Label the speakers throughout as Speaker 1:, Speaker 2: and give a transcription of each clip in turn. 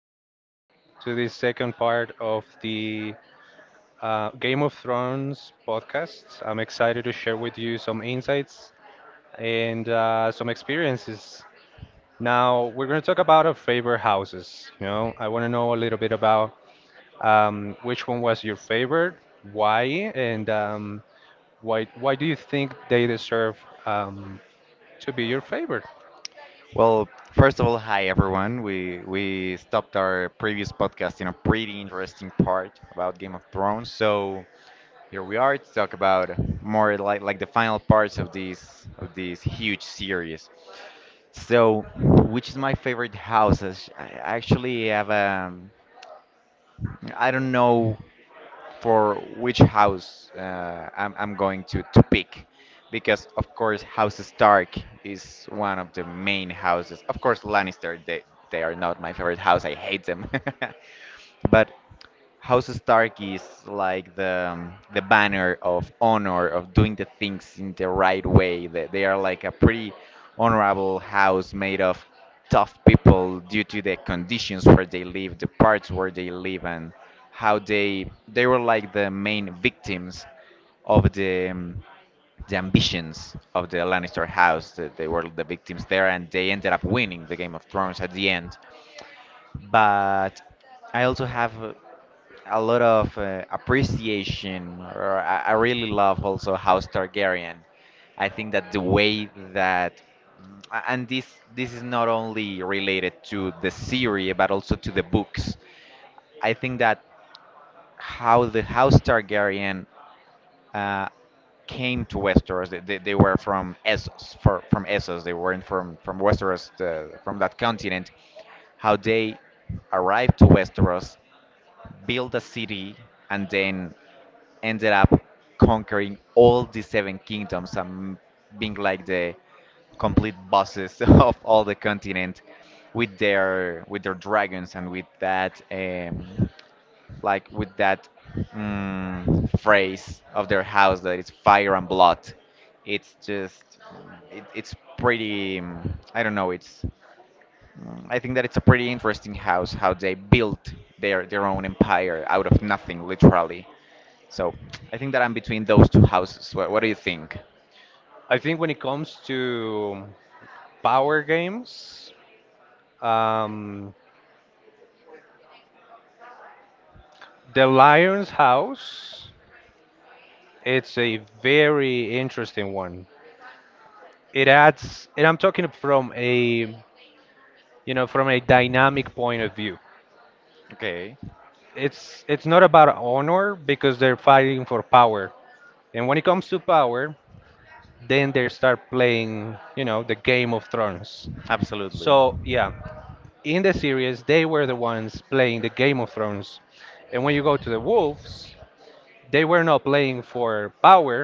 Speaker 1: Juan, to the second part of the Game of Thrones podcast. I'm excited to share with you some insights and some experiences. Now, we're going to talk about our favorite houses. You know, I want to know a little bit about which one was your favorite, why, and why do you think they deserve um, to be your favorite?
Speaker 2: Well, first of all, hi everyone. We stopped our previous podcast in a pretty interesting part about Game of Thrones. So here we are to talk about more like the final parts of this huge series. So, which is my favorite house? I actually have a I don't know for which house I'm going to pick. Because, of course, House Stark is one of the main houses. Of course, Lannister, they are not my favorite house. I hate them. But House Stark is like the the banner of honor of doing the things in the right way. They are like a pretty honorable house made of tough people due to the conditions where they live, the parts where they live, and how they were like the main victims of the ambitions of the Lannister house. That they were the victims there, and they ended up winning the Game of Thrones at the end. But I also have a lot of appreciation. Or I really love also House Targaryen. I think that the way that and this is not only related to the series but also to the books. I think that how the House Targaryen uh, came to Westeros. They were from Essos, from Essos. They weren't from Westeros, from that continent. How they arrived to Westeros, built a city, and then ended up conquering all the seven kingdoms and being like the complete bosses of all the continent with their dragons and with that like with that phrase of their house that is fire and blood. It's just it's pretty I don't know, it's I think that it's a pretty interesting house how they built their own empire out of nothing, literally. So I think that I'm between those two houses. What do you think?
Speaker 1: I think when it comes to power games, Um, the Lion's House, it's a very interesting one. It adds, and I'm talking from a, you know, from a dynamic point of view.
Speaker 2: Okay,
Speaker 1: It's not about honor because they're fighting for power. And when it comes to power, then they start playing, you know, the Game of Thrones.
Speaker 2: absolutely.
Speaker 1: So, yeah, in the series, they were the ones playing the Game of Thrones. And when you go to the wolves, they were not playing for power,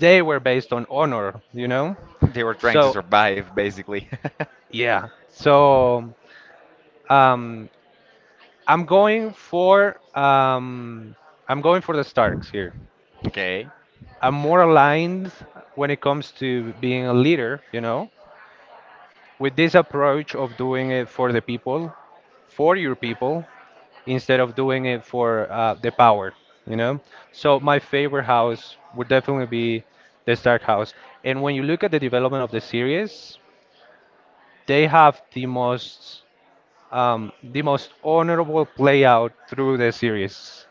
Speaker 1: they were based on honor, you know?
Speaker 2: They were trying to
Speaker 1: So,
Speaker 2: survive, basically.
Speaker 1: yeah. So, um, I'm going for um, I'm going for the Starks here.
Speaker 2: Okay,
Speaker 1: I'm more aligned when it comes to being a leader, you know, with this approach of doing it for the people, for your people, instead of doing it for the power, you know. So my favorite house would definitely be the Stark house. And when you look at the development of the series, they have the most honorable play out through the series.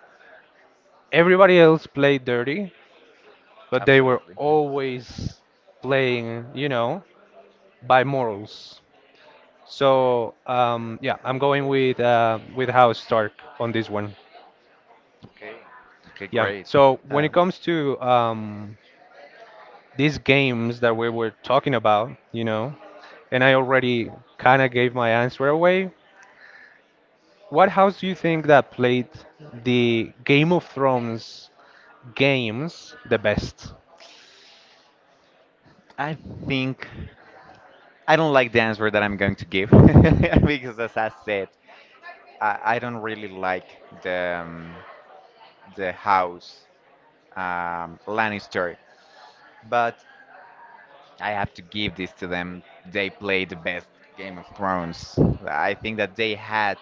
Speaker 1: Everybody else played dirty, but they were
Speaker 2: absolutely.
Speaker 1: always playing, you know, by morals. So yeah, I'm going with House Stark on this one.
Speaker 2: Okay, okay,
Speaker 1: Yeah.
Speaker 2: great.
Speaker 1: So when it
Speaker 2: Um,
Speaker 1: comes to these games that we were talking about, you know, and I already kind of gave my answer away. What house do you think that played the Game of Thrones games the best?
Speaker 2: I think I don't like the answer that I'm going to give because, as I said, I don't really like the um, the house Lannister, but I have to give this to them. They played the best Game of Thrones. I think that they had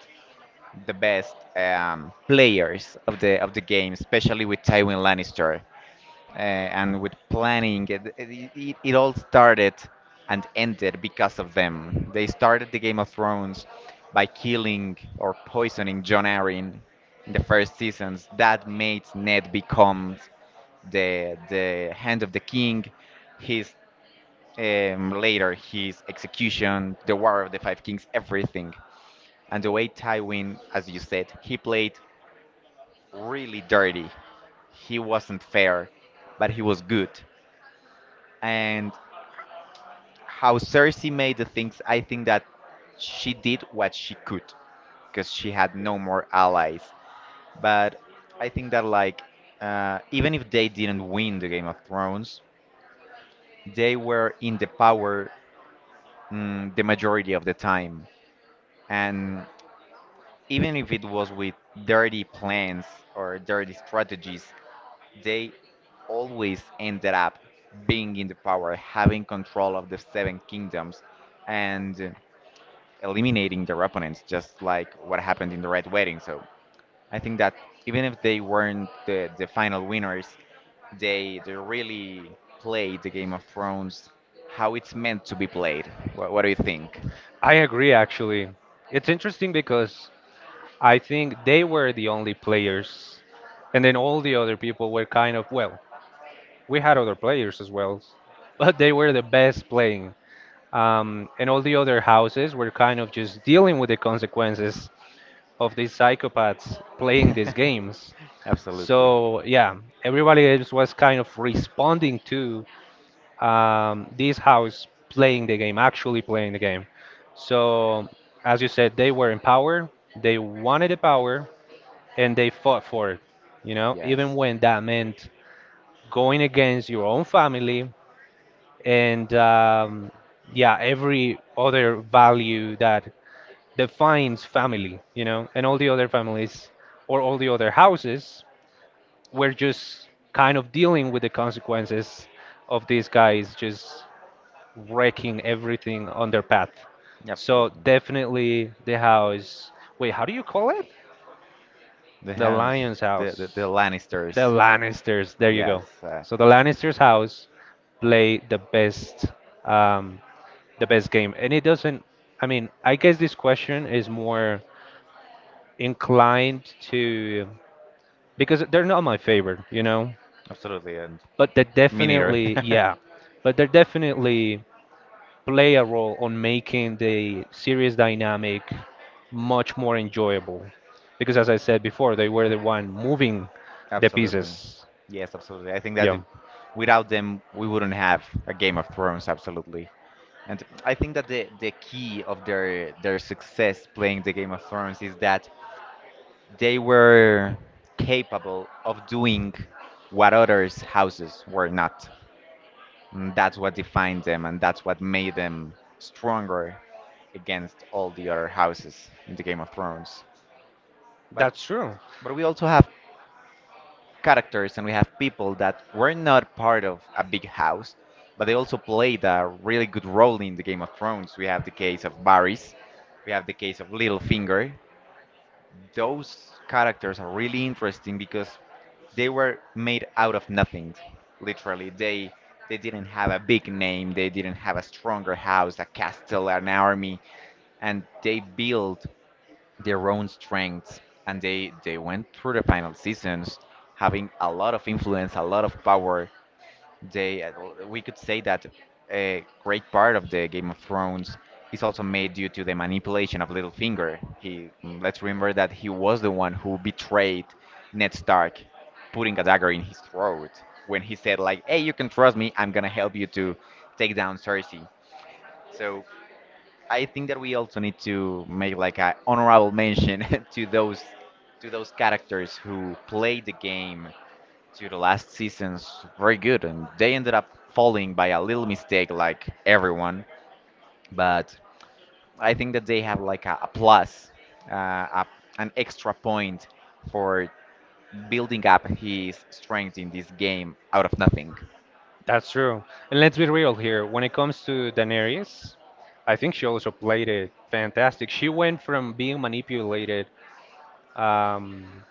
Speaker 2: the best players of the game, especially with Tywin Lannister. And with planning it all started and ended because of them. They started the Game of Thrones by killing or poisoning Jon Arryn in the first seasons, that made Ned become the hand of the king, his later his execution, the war of the five kings, everything. And the way Tywin, as you said, he played really dirty. He wasn't fair, but he was good. And how Cersei made the things, I think that she did what she could because she had no more allies. But I think that, like, even if they didn't win the Game of Thrones, they were in the power the majority of the time. And even if it was with dirty plans or dirty strategies, they always ended up being in the power, having control of the Seven Kingdoms. And eliminating their opponents, just like what happened in the Red Wedding. So I think that even if they weren't the final winners, they really played the Game of Thrones how it's meant to be played. What do you think?
Speaker 1: I agree, actually. It's interesting because I think they were the only players, and then all the other people were kind of, well, we had other players as well, but they were the best playing. And all the other houses were kind of just dealing with the consequences of these psychopaths playing these games. So, yeah, everybody else was kind of responding to this house playing the game, actually playing the game. So, as you said, they were in power, they wanted the power, and they fought for it, you know, even when that meant going against your own family and, yeah, every other value that defines family, you know, and all the other families or all the other houses were just kind of dealing with the consequences of these guys just wrecking everything on their path. So definitely the house. Wait, how do you call it?
Speaker 2: The
Speaker 1: The
Speaker 2: house,
Speaker 1: Lion's
Speaker 2: the
Speaker 1: house. The
Speaker 2: Lannisters.
Speaker 1: Lannisters. There you go.
Speaker 2: Yes,
Speaker 1: So the Lannisters house play um, the best game, and it doesn't. I mean, I guess this question is more inclined to because they're not my favorite, you know.
Speaker 2: absolutely. And
Speaker 1: But they're
Speaker 2: me neither.
Speaker 1: definitely yeah. But they're definitely play a role on making the series dynamic much more enjoyable. Because as I said before, they were the one moving the
Speaker 2: Absolutely.
Speaker 1: pieces.
Speaker 2: Yes, absolutely. I think that
Speaker 1: Yeah,
Speaker 2: if- without them, we wouldn't have a Game of Thrones, absolutely. And I think that the key of their success playing the Game of Thrones is that they were capable of doing what others houses were not. And that's what defined them and that's what made them stronger against all the other houses in the Game of Thrones. But
Speaker 1: that's true.
Speaker 2: but we also have characters and we have people that were not part of a big house, but they also played a really good role in the Game of Thrones. We have the case of Varys, we have the case of Littlefinger. Those characters are really interesting because they were made out of nothing, literally. They didn't have a big name, they didn't have a stronger house, a castle, an army. And they built their own strengths, and they went through the final seasons having a lot of influence, a lot of power. They we could say that a great part of the Game of Thrones is also made due to the manipulation of Littlefinger. He Let's remember that he was the one who betrayed Ned Stark, putting a dagger in his throat when he said like, "Hey, you can trust me. I'm gonna help you to take down Cersei." So I think that we also need to make like an honorable mention to those characters who played the game to the last season's very good, and they ended up falling by a little mistake, like everyone. But I think that they have like a plus, uh, a, an extra point for building up his strength in this game out of nothing.
Speaker 1: that's true. And let's be real here. When it comes to Daenerys, I think she also played it fantastic. She went from being manipulated um,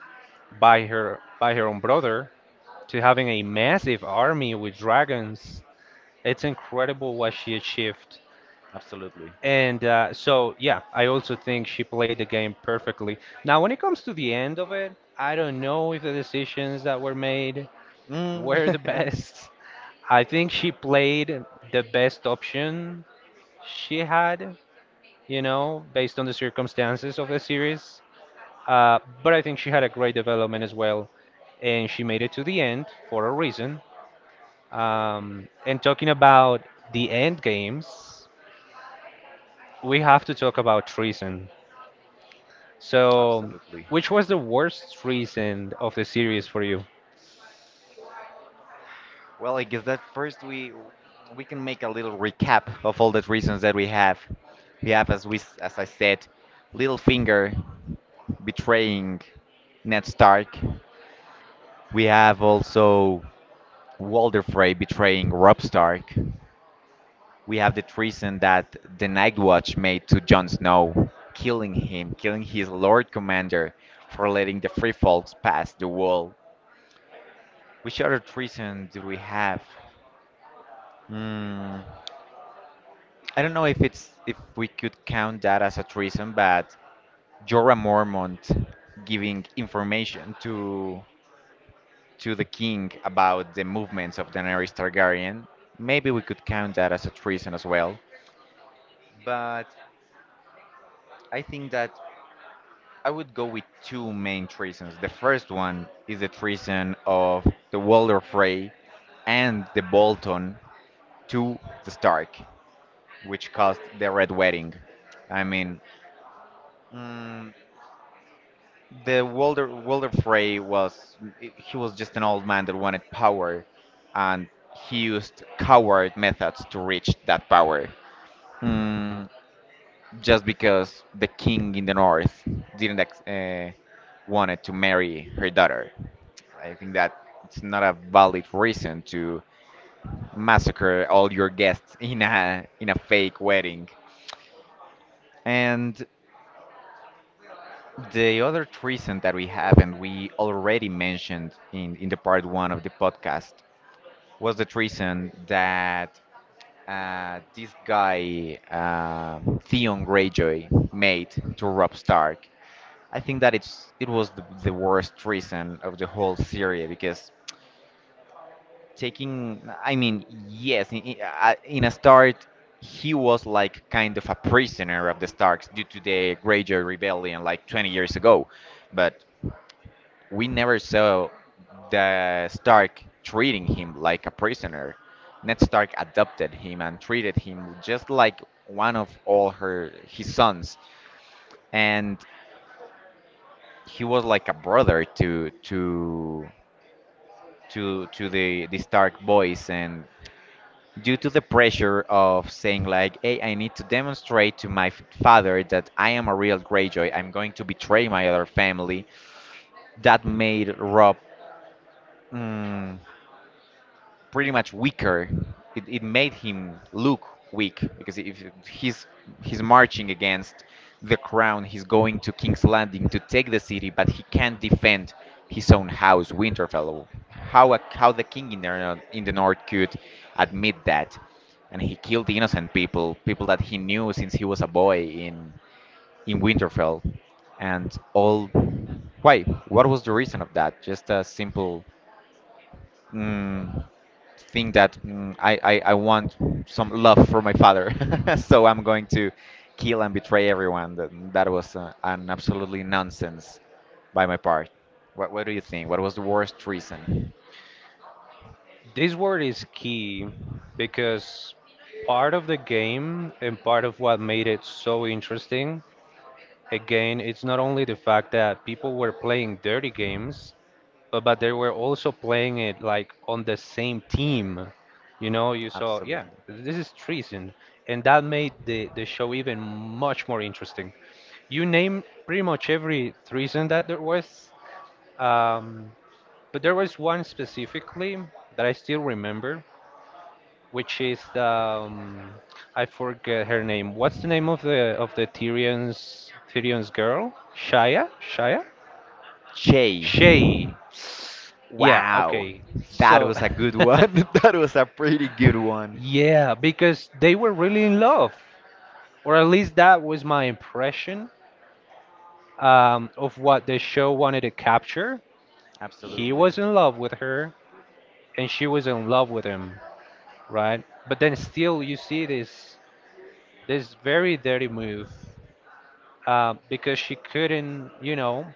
Speaker 1: by her own brother to having a massive army with dragons. It's incredible what she achieved.
Speaker 2: Absolutely.
Speaker 1: And so, yeah, I also think she played the game perfectly. Now, when it comes to the end of it, I don't know if the decisions that were made
Speaker 2: Mm.
Speaker 1: were the best. I think she played the best option she had, you know, based on the circumstances of the series. But I think she had a great development as well, and she made it to the end for a reason. And talking about the end games, we have to talk about Treason. So,
Speaker 2: Absolutely.
Speaker 1: which was the worst reason of the series for you?
Speaker 2: Well, I guess that first we can make a little recap of all the reasons that we have. We have, as I said, Littlefinger betraying Ned Stark. We have also Walder Frey betraying Robb Stark. We have the treason that the Night Watch made to Jon Snow, killing him, killing his Lord Commander for letting the Free Folks pass the wall. Which other treason do we have? Hmm. I don't know if it's if we could count that as a treason, but you're a Mormon giving information to the king about the movements of Daenerys Targaryen. Maybe we could count that as a treason as well. But I think that I would go with two main treasons. The first one is the treason of the Walder Frey and the Bolton to the Stark, which caused the Red Wedding. I mean, mm, the Walder Frey was, he was just an old man that wanted power, and he used coward methods to reach that power. Mm, just because the king in the north didn't ex- wanted to marry her daughter, I think that it's not a valid reason to massacre all your guests in a fake wedding. And the other treason that we have, and we already mentioned in the part one of the podcast, was the treason that this guy, Theon Greyjoy, made to Rob Stark. I think that it was the worst treason of the whole series because taking, I mean, yes, in a start, he was like kind of a prisoner of the Starks due to the Greyjoy rebellion like 20 years ago, but we never saw the Stark treating him like a prisoner. Ned Stark adopted him and treated him just like one of all her his sons, and he was like a brother to the Stark boys. And due to the pressure of saying like, "Hey, I need to demonstrate to my father that I am a real Greyjoy. I'm going to betray my other family," that made Rob mm, pretty much weaker. It made him look weak because if he's he's marching against the crown, he's going to King's Landing to take the city, but he can't defend his own house, Winterfell. How a, how the king in in the north could admit that? And he killed innocent people, people that he knew since he was a boy in Winterfell, and all. Why? What was the reason of that? Just a simple mm, think that I want some love for my father. So I'm going to kill and betray everyone. That was an absolutely nonsense by my part. What do you think? What was the worst reason?
Speaker 1: This word is key because part of the game and part of what made it so interesting, again, it's not only the fact that people were playing dirty games, but they were also playing it like on the same team. You know, you saw, yeah,
Speaker 2: Absolutely.
Speaker 1: this is treason. And that made the show even much more interesting. You name pretty much every treason that there was. Um, But there was one specifically that I still remember, which is the I forget her name. What's the name of the Tyrion's girl? Shia?
Speaker 2: Jay.
Speaker 1: Shay. Yeah,
Speaker 2: Wow.
Speaker 1: okay.
Speaker 2: That
Speaker 1: So
Speaker 2: was a good one. That was a pretty good one.
Speaker 1: yeah, because they were really in love. Or at least that was my impression of what the show wanted to capture. He
Speaker 2: Absolutely.
Speaker 1: was in love with her and she was in love with him, right? But then still you see this very dirty move because she couldn't, you know,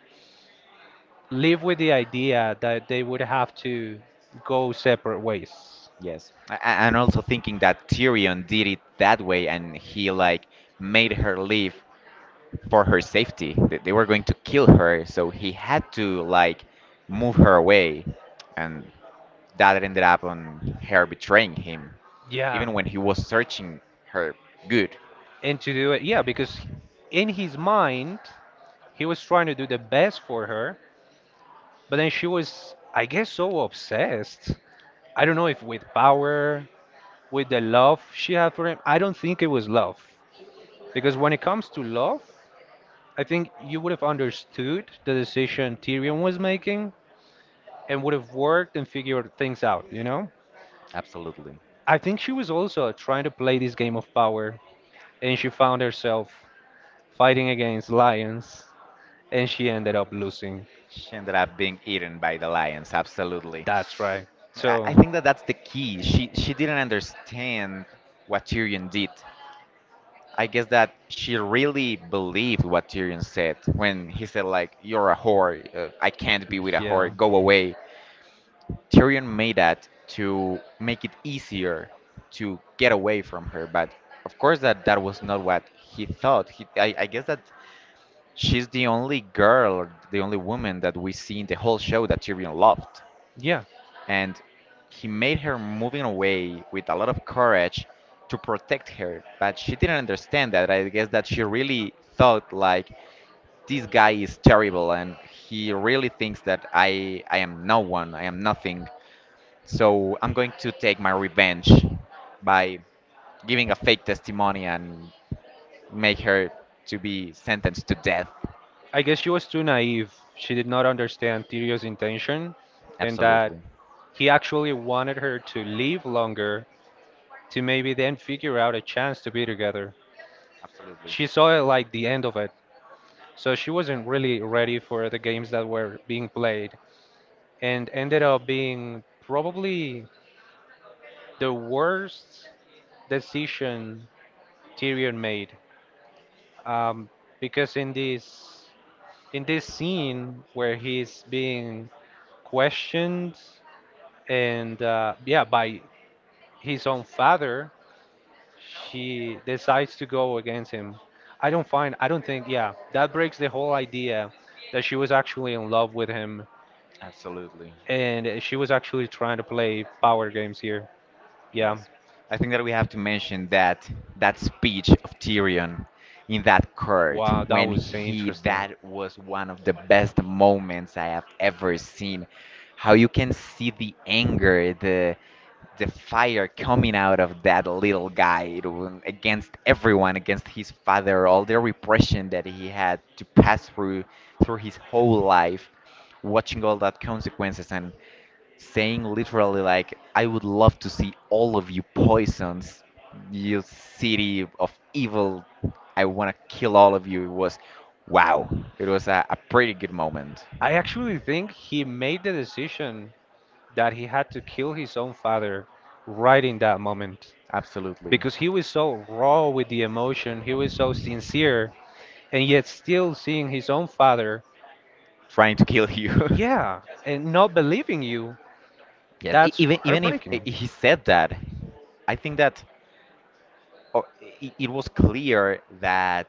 Speaker 1: live with the idea that they would have to go separate ways.
Speaker 2: Yes, I- and also thinking that Tyrion did it that way, and he like made her leave for her safety. They were going to kill her, so he had to like move her away, and that ended up on her betraying him,
Speaker 1: Yeah.
Speaker 2: even when he was searching her good.
Speaker 1: And to do it, yeah, because in his mind, he was trying to do the best for her, but then she was, I guess, so obsessed. I don't know if with power, with the love she had for him. I don't think it was love. Because when it comes to love, I think you would have understood the decision Tyrion was making and would have worked and figured things out, you know?
Speaker 2: Absolutely.
Speaker 1: I think she was also trying to play this game of power, and she found herself fighting against lions, and she ended up losing.
Speaker 2: She ended up being eaten by the lions. Absolutely.
Speaker 1: That's right.
Speaker 2: I
Speaker 1: So,
Speaker 2: think that that's the key. She didn't understand what Tyrion did. I guess that she really believed what Tyrion said when he said like, "You're a whore, I can't be with a
Speaker 1: yeah.
Speaker 2: whore, go away." Tyrion made that to make it easier to get away from her, but of course that was not what he thought. I guess that she's the only girl, the only woman that we see in the whole show that Tyrion loved,
Speaker 1: Yeah,
Speaker 2: and he made her moving away with a lot of courage to protect her, but she didn't understand that. I guess that she really thought like, this guy is terrible and he really thinks that I am no one, I am nothing, so I'm going to take my revenge by giving a fake testimony and make her to be sentenced to death.
Speaker 1: I guess she was too naive. She did not understand Tyrion's intention and that
Speaker 2: Absolutely.
Speaker 1: he actually wanted her to live longer to maybe then figure out a chance to be together.
Speaker 2: Absolutely.
Speaker 1: She saw it like the end of it, so she wasn't really ready for the games that were being played and ended up being probably the worst decision Tyrion made. Um, because in this scene where he's being questioned and yeah by his own father, she decides to go against him. I don't think yeah that breaks the whole idea that she was actually in love with him
Speaker 2: Absolutely.
Speaker 1: and she was actually trying to play power games here. Yeah.
Speaker 2: Yes. I think that we have to mention that that speech of Tyrion in that court
Speaker 1: Wow, that
Speaker 2: when
Speaker 1: was
Speaker 2: he,
Speaker 1: interesting.
Speaker 2: that was one of the best moments I have ever seen. How you can see the anger, the fire coming out of that little guy, against everyone, against his father, all the repression that he had to pass through through his whole life, watching all that consequences and saying literally like, I would love to see all of you poisons, you city of evil. I want to kill all of you. It was wow. It was a pretty good moment.
Speaker 1: I actually think he made the decision that he had to kill his own father right in that moment
Speaker 2: Absolutely.
Speaker 1: because he was so raw with the emotion, he was so sincere, and yet still seeing his own father,
Speaker 2: Trying to kill you.
Speaker 1: yeah, and not believing you,
Speaker 2: Yes,
Speaker 1: that's
Speaker 2: even if I-
Speaker 1: heartbreaking.
Speaker 2: he said that, I think that, oh, it was clear that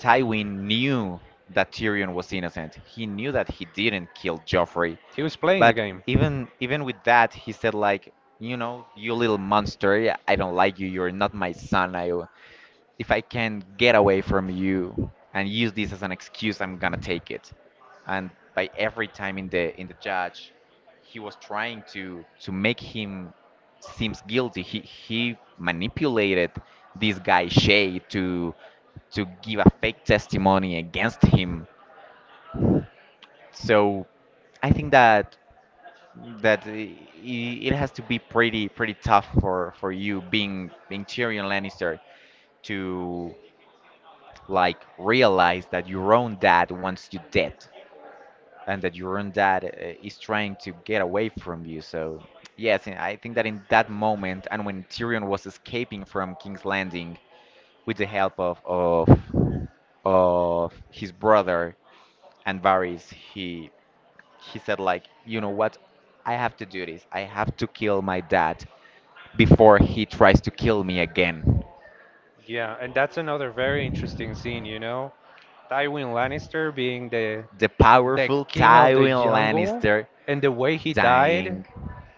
Speaker 2: Tywin knew that Tyrion was innocent. He knew that he didn't kill Joffrey.
Speaker 1: He was playing the
Speaker 2: But
Speaker 1: game.
Speaker 2: even with that, he said like, you know, you little monster, I don't like you. You're not my son. I If I can get away from you and use this as an excuse, I'm gonna take it. And by every time in the judge, he was trying to make him seems guilty. He manipulated this guy Shay to give a fake testimony against him. So I think that that i- i- it has to be pretty tough for you being being Tyrion Lannister to like realize that your own dad wants you dead, and that your own dad is trying to get away from you. So, yes, and I think that in that moment, and when Tyrion was escaping from King's Landing with the help of of his brother and Varys, he said like, you know what, I have to do this. I have to kill my dad before he tries to kill me again.
Speaker 1: Yeah, and that's another very interesting scene, you know? Tywin Lannister being the
Speaker 2: The
Speaker 1: the
Speaker 2: powerful
Speaker 1: king of the
Speaker 2: Tywin
Speaker 1: jungle
Speaker 2: Lannister
Speaker 1: and the way he died,
Speaker 2: dying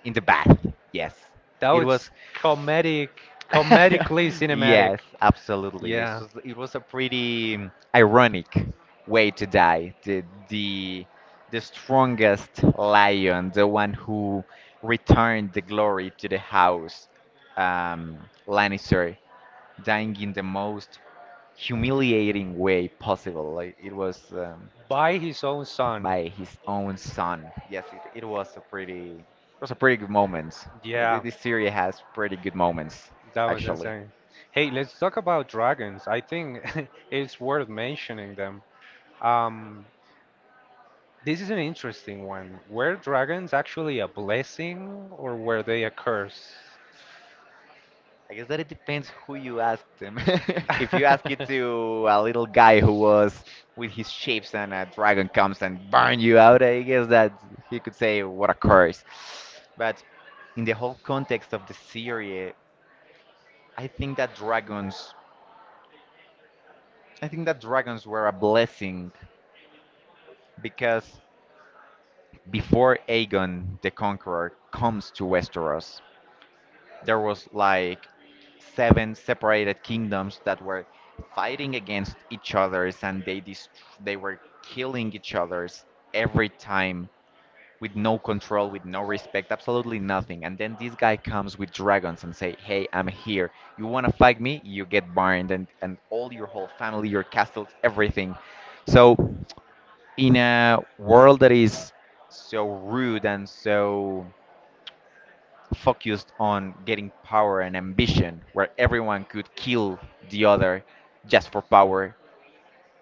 Speaker 2: in the bath. Yes,
Speaker 1: that
Speaker 2: it
Speaker 1: was
Speaker 2: was.
Speaker 1: comedic, comedically cinematic,
Speaker 2: Yes, absolutely. It
Speaker 1: yeah,
Speaker 2: was. It was a pretty ironic way to die. The the strongest lion, the one who returned the glory to the house, um, Lannister, dying in the most humiliating way possible. Like, it was.
Speaker 1: by his own son.
Speaker 2: By his own son. Yes, it was a pretty, it was a pretty good moment.
Speaker 1: Yeah,
Speaker 2: This series has pretty good moments,
Speaker 1: that was
Speaker 2: actually.
Speaker 1: insane. Hey, let's talk about dragons. I think it's worth mentioning them. um this is an interesting one. Were dragons actually a blessing or were they a curse?
Speaker 2: I guess that it depends who you ask them. If you ask it to a little guy who was with his shapes and a dragon comes and burn you out, I guess that he could say what a curse. But in the whole context of the series, I think that dragons, I think that dragons were a blessing because before Aegon the Conqueror comes to Westeros, there was like seven separated kingdoms that were fighting against each other's, and they they were killing each other's every time with no control, with no respect, absolutely nothing. And then this guy comes with dragons and say, "Hey, I'm here. You want to fight me? You get burned and all your whole family, your castles, everything." So in a world that is so rude and so focused on getting power and ambition, where everyone could kill the other just for power,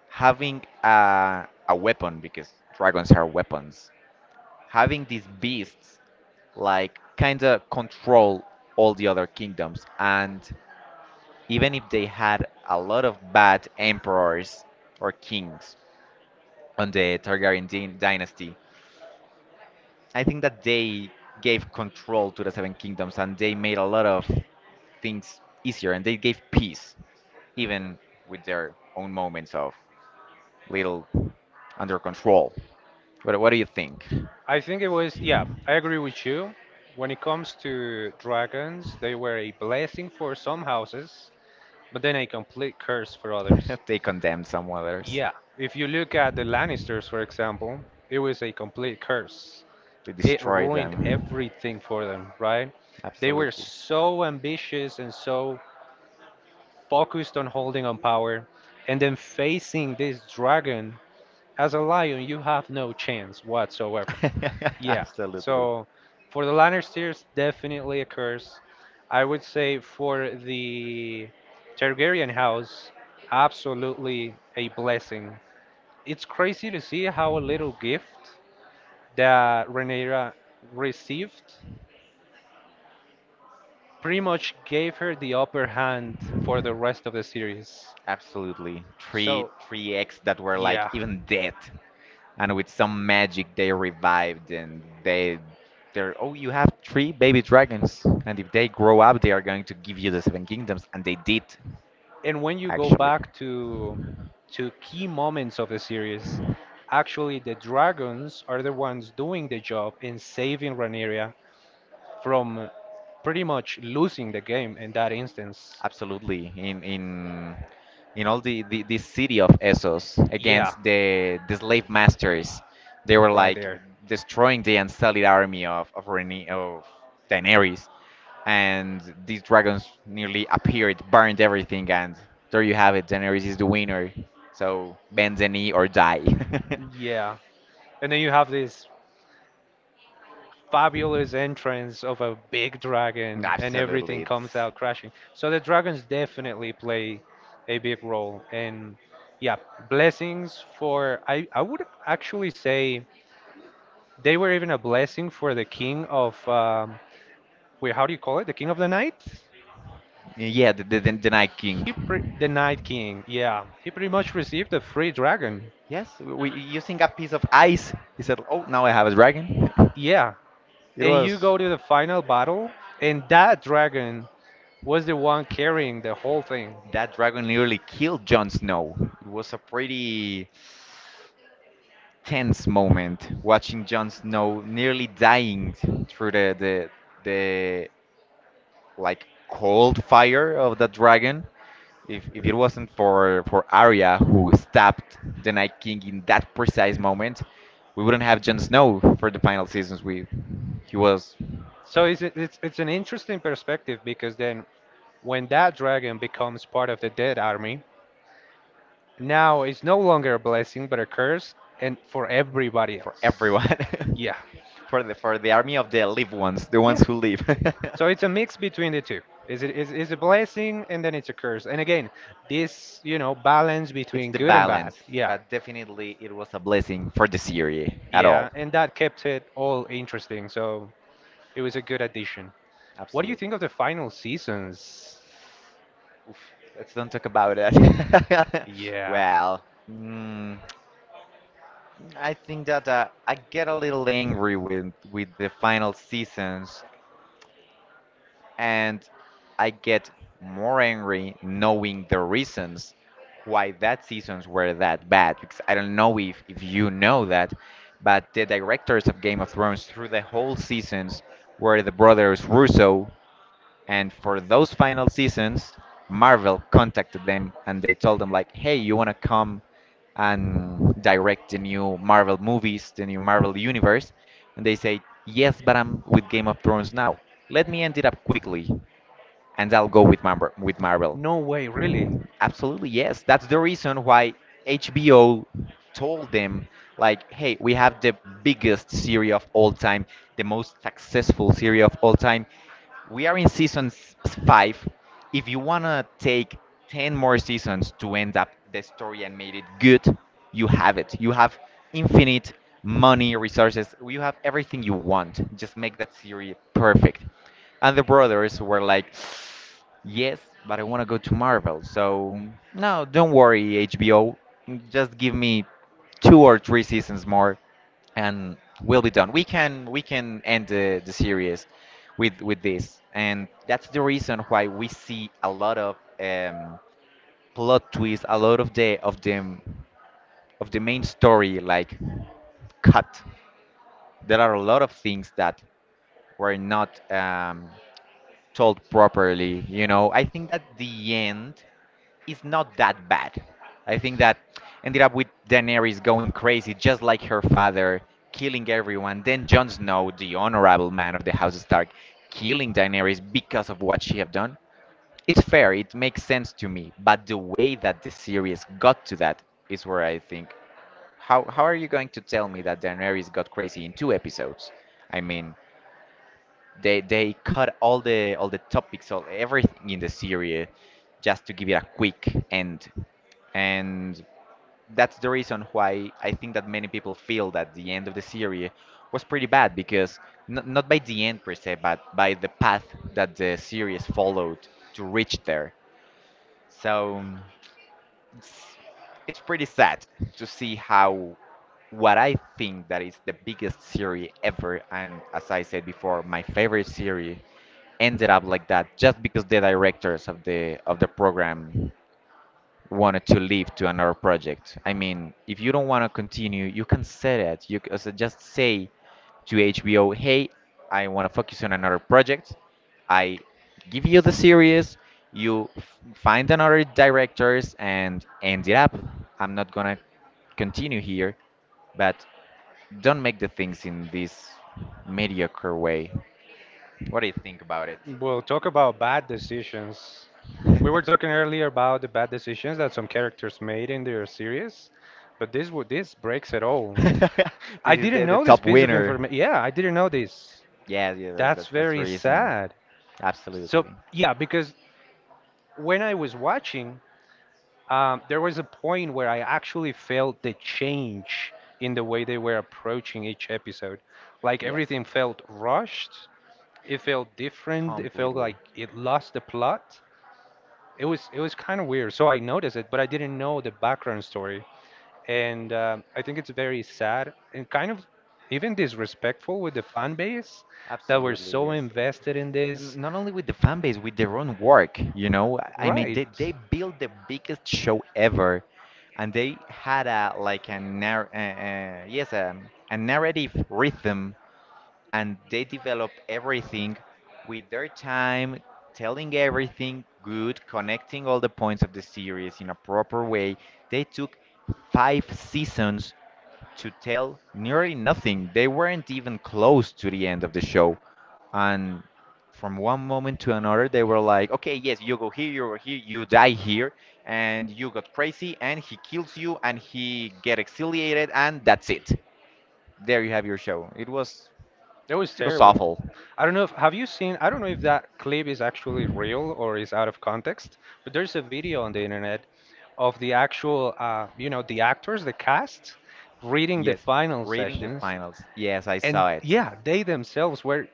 Speaker 2: having a weapon, because dragons are weapons, having these beasts like kind of control all the other kingdoms. And even if they had a lot of bad emperors or kings on the Targaryen dynasty, I think that they gave control to the Seven Kingdoms and they made a lot of things easier and they gave peace, even with their own moments of little under control. What do you think?
Speaker 1: I think it was, yeah, I agree with you. When it comes to dragons, they were a blessing for some houses, but then a complete curse for others.
Speaker 2: They condemned some others,
Speaker 1: Yeah, if you look at the Lannisters, for example, it was a complete curse.
Speaker 2: they
Speaker 1: It
Speaker 2: destroyed
Speaker 1: ruined
Speaker 2: them.
Speaker 1: everything for them, right? They were
Speaker 2: Absolutely.
Speaker 1: so ambitious and so focused on holding on power, and then facing this dragon as a lion, you have no chance whatsoever. Yeah.
Speaker 2: Absolutely,
Speaker 1: So for the Lannisters, definitely a curse. I would say for the Targaryen house, absolutely a blessing. It's crazy to see how a little gift that Rhaenyra received pretty much gave her the upper hand for the rest of the series.
Speaker 2: absolutely. Three
Speaker 1: So,
Speaker 2: three eggs that were like
Speaker 1: yeah.
Speaker 2: even dead, and with some magic they revived and they they're, oh, you have three baby dragons, and if they grow up they are going to give you the seven kingdoms, and they did
Speaker 1: And when you go
Speaker 2: actually.
Speaker 1: back to key moments of the series, actually the dragons are the ones doing the job in saving Rhaenyra from pretty much losing the game in that instance.
Speaker 2: Absolutely, in all the city of Essos
Speaker 1: Yeah,
Speaker 2: against the slave masters, they were
Speaker 1: right
Speaker 2: like
Speaker 1: there.
Speaker 2: destroying the unsullied army Rhaeny- of Daenerys, and these dragons nearly appeared, burned everything, and there you have it. Daenerys is the winner. So bend the knee or die.
Speaker 1: Yeah, and then you have this fabulous entrance of a big dragon and everything
Speaker 2: Absolutely,
Speaker 1: comes out crashing. So the dragons
Speaker 2: it's
Speaker 1: definitely play a big role. And yeah, blessings for, I would actually say they were even a blessing for the king of, wait, how do you call it? The king of the night?
Speaker 2: Yeah, the Night King.
Speaker 1: The Night King, yeah. He pretty much received a free dragon.
Speaker 2: Yes, using a piece of ice. He said, "Oh, now I have a dragon."
Speaker 1: Yeah. And you go to the final battle, and that dragon was the one carrying the whole thing.
Speaker 2: That dragon nearly killed Jon Snow. It was a pretty tense moment watching Jon Snow nearly dying through the like cold fire of the dragon, if it wasn't for Arya who stabbed the Night King in that precise moment, we wouldn't have Jon Snow for the final seasons. We he was
Speaker 1: So it's an interesting perspective because then when that dragon becomes part of the dead army, now it's no longer a blessing but a curse, and for everybody
Speaker 2: for
Speaker 1: else.
Speaker 2: everyone,
Speaker 1: Yeah,
Speaker 2: for the army of the live ones, the
Speaker 1: yeah.
Speaker 2: ones who live.
Speaker 1: So it's a mix between the two. Is it is a blessing and then it's a curse. And again, this you know balance
Speaker 2: It's
Speaker 1: between
Speaker 2: the
Speaker 1: good and bad.
Speaker 2: balance,
Speaker 1: Yeah,
Speaker 2: but definitely it was a blessing for the series at all.
Speaker 1: yeah. And that kept it all interesting. So it was a good addition. What do you
Speaker 2: Absolutely.
Speaker 1: think of the final seasons?
Speaker 2: Oof, let's don't talk about it.
Speaker 1: Yeah.
Speaker 2: Well, mm, I think that I get a little angry with the final seasons, and I get more angry knowing the reasons why that seasons were that bad, because I don't know if you know that, but the directors of Game of Thrones through the whole seasons were the brothers Russo, and for those final seasons, Marvel contacted them and they told them like, "Hey, you want to come and direct the new Marvel movies, the new Marvel universe?" And they say, "Yes, but I'm with Game of Thrones now. Let me end it up quickly." And I'll go with with Marvel.
Speaker 1: No way, really.
Speaker 2: Absolutely, yes. That's the reason why HBO told them like, "Hey, we have the biggest series of all time, the most successful series of all time. We are in 5. If you want to take 10 more seasons to end up the story and made it good, you have it. You have infinite money, resources. You have everything you want. Just make that series perfect." And the brothers were like, Yes, but I want to go to Marvel. So, no, don't worry, HBO. Just give me two or three seasons more, and we'll be done. We can end the series with this. And that's the reason why we see a lot of plot twists, a lot of the of the of the main story like cut. There are a lot of things that were not told properly. You know, I think that the end is not that bad. I think that ended up with Daenerys going crazy, just like her father, killing everyone. Then Jon Snow, the honorable man of the House Stark, killing Daenerys because of what she have done. It's fair, it makes sense to me, but the way that the series got to that is where I think, how are you going to tell me that Daenerys got crazy in 2 episodes? I mean, they cut all the topics, all everything in the series just to give it a quick end, and that's the reason why I think that many people feel that the end of the series was pretty bad because not by the end per se but by the path that the series followed to reach there. So it's it's pretty sad to see how what I think that is the biggest series ever, and as I said before, my favorite series ended up like that just because the directors of the program wanted to leave to another project. I mean, if you don't want to continue, you can say that. So just say to HBO, "Hey, I want to focus on another project. I give you the series. Find another directors and end it up. I'm not gonna continue here, but don't make the things in this mediocre way. What do you think about it?
Speaker 1: Well, talk about bad decisions. We were talking earlier about the bad decisions that some characters made in their series, but this breaks it all.
Speaker 2: This
Speaker 1: I
Speaker 2: is
Speaker 1: didn't
Speaker 2: the
Speaker 1: know this
Speaker 2: top
Speaker 1: piece of
Speaker 2: winner.
Speaker 1: information. Yeah, I didn't know this.
Speaker 2: Yeah, yeah,
Speaker 1: That's
Speaker 2: that's the
Speaker 1: very
Speaker 2: reason.
Speaker 1: sad. So
Speaker 2: Absolutely.
Speaker 1: yeah, because when I was watching, there was a point where I actually felt the change in the way they were approaching each episode. Like
Speaker 2: Yes.
Speaker 1: everything felt rushed. It felt different. It felt
Speaker 2: Completely.
Speaker 1: like it lost the plot. It was kind of weird. So I noticed it, but I didn't know the background story, and I think it's very sad and kind of even disrespectful with the fan base that were
Speaker 2: Absolutely,
Speaker 1: so
Speaker 2: yes.
Speaker 1: invested in this.
Speaker 2: N- Not only with the fan base, with their own work, you know. I mean,
Speaker 1: Right.
Speaker 2: they built the biggest show ever, and they had a like a yes, a narrative rhythm, and they develop everything with their time, telling everything good, connecting all the points of the series in a proper way. They took 5 seasons to tell nearly nothing. They weren't even close to the end of the show. And from one moment to another, they were like, okay, yes, you go here, you go here, you die here, and you got crazy, and he kills you, and he get exiliated, and that's it. There you have your show.
Speaker 1: That was
Speaker 2: It was
Speaker 1: terrible.
Speaker 2: awful.
Speaker 1: I don't know if have you seen, I don't know if that clip is actually real or is out of context, but there's a video on the internet of the actual, you know, the actors, the cast, reading the
Speaker 2: Yes,
Speaker 1: final
Speaker 2: reading the
Speaker 1: sessions.
Speaker 2: finals. Yes, I
Speaker 1: And
Speaker 2: saw it.
Speaker 1: yeah, they themselves were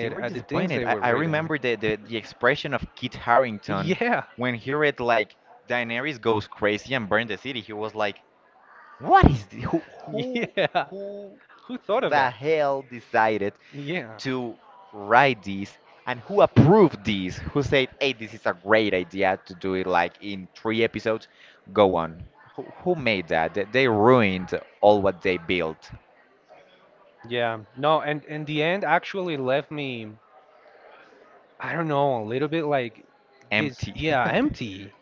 Speaker 2: They were
Speaker 1: at the things
Speaker 2: disappointed.
Speaker 1: they
Speaker 2: I,
Speaker 1: were
Speaker 2: I
Speaker 1: reading.
Speaker 2: remember the expression of Kit Harrington
Speaker 1: Yeah,
Speaker 2: when he read like, Daenerys goes crazy and burned the city. He was like, "What is who who
Speaker 1: yeah.
Speaker 2: who
Speaker 1: Who thought of
Speaker 2: the
Speaker 1: that?
Speaker 2: hell decided
Speaker 1: Yeah.
Speaker 2: to write this, and who approved this, who said, hey, this is a great idea to do it like in 3 episodes, go on, who made that they ruined all what they built,
Speaker 1: Yeah. No, and in the end actually left me I don't know, a little bit like this,
Speaker 2: empty.
Speaker 1: yeah, empty.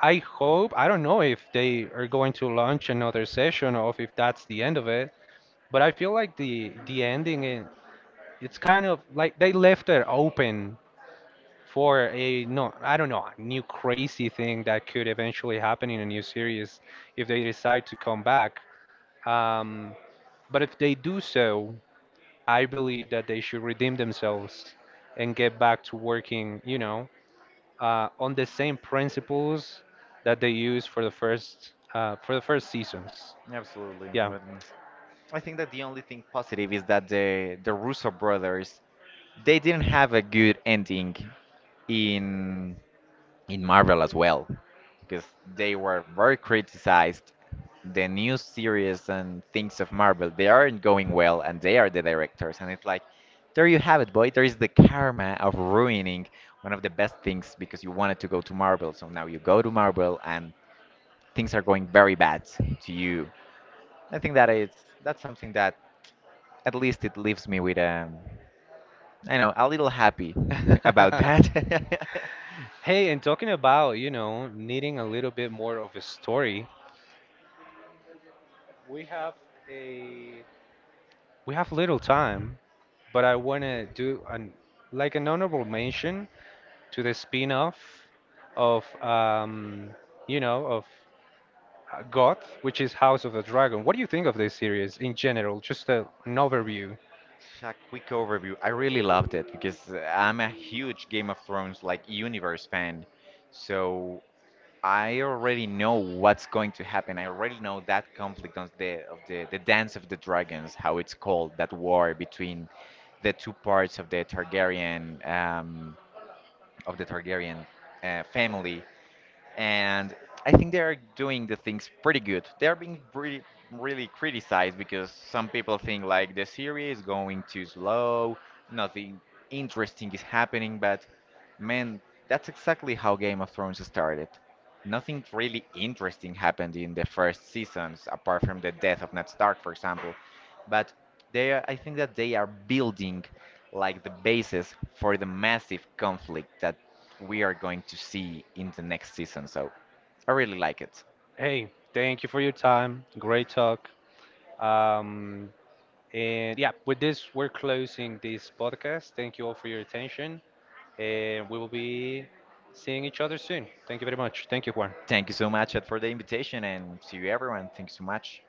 Speaker 1: I hope, I don't know if they are going to launch another session or if that's the end of it, but I feel like the ending is it's kind of like they left it open for a no, I don't know, new crazy thing that could eventually happen in a new series if they decide to come back. Um, but if they do so, I believe that they should redeem themselves and get back to working, you know, on the same principles that they use for the first seasons.
Speaker 2: Absolutely.
Speaker 1: Yeah.
Speaker 2: But I think that the only thing positive is that the Russo brothers, they didn't have a good ending in Marvel as well, because they were very criticized. The new series and things of Marvel, they aren't going well, and they are the directors. And it's like, there you have it, boy. There is the karma of ruining one of the best things because you wanted to go to Marvel. So now you go to Marvel, and things are going very bad to you. I think that it's, that's something that at least it leaves me with I know, a little happy about that.
Speaker 1: Hey, and talking about you know needing a little bit more of a story, we have a we have little time, but I want to do an like an honorable mention to the spin-off of you know of Goth, which is House of the Dragon. What do you think of this series in general? Just a, an overview.
Speaker 2: A quick overview. I really loved it because I'm a huge Game of Thrones like universe fan. So I already know what's going to happen. I already know that conflict on the Dance of the Dragons, how it's called, that war between the two parts of the Targaryen family, and I think they are doing the things pretty good. They are being pretty really criticized because some people think like the series is going too slow, nothing interesting is happening, but man, that's exactly how Game of Thrones started. Nothing really interesting happened in the first seasons apart from the death of Ned Stark, for example. But they are, I think that they are building like the basis for the massive conflict that we are going to see in the next season. So I really like it.
Speaker 1: Hey, thank you for your time. Great talk. Um, and yeah, with this, we're closing this podcast. Thank you all for your attention. And we will be seeing each other soon. Thank you very much. Thank you, Juan.
Speaker 2: Thank you so much, Ed, for the invitation, and see you everyone. Thank you so much.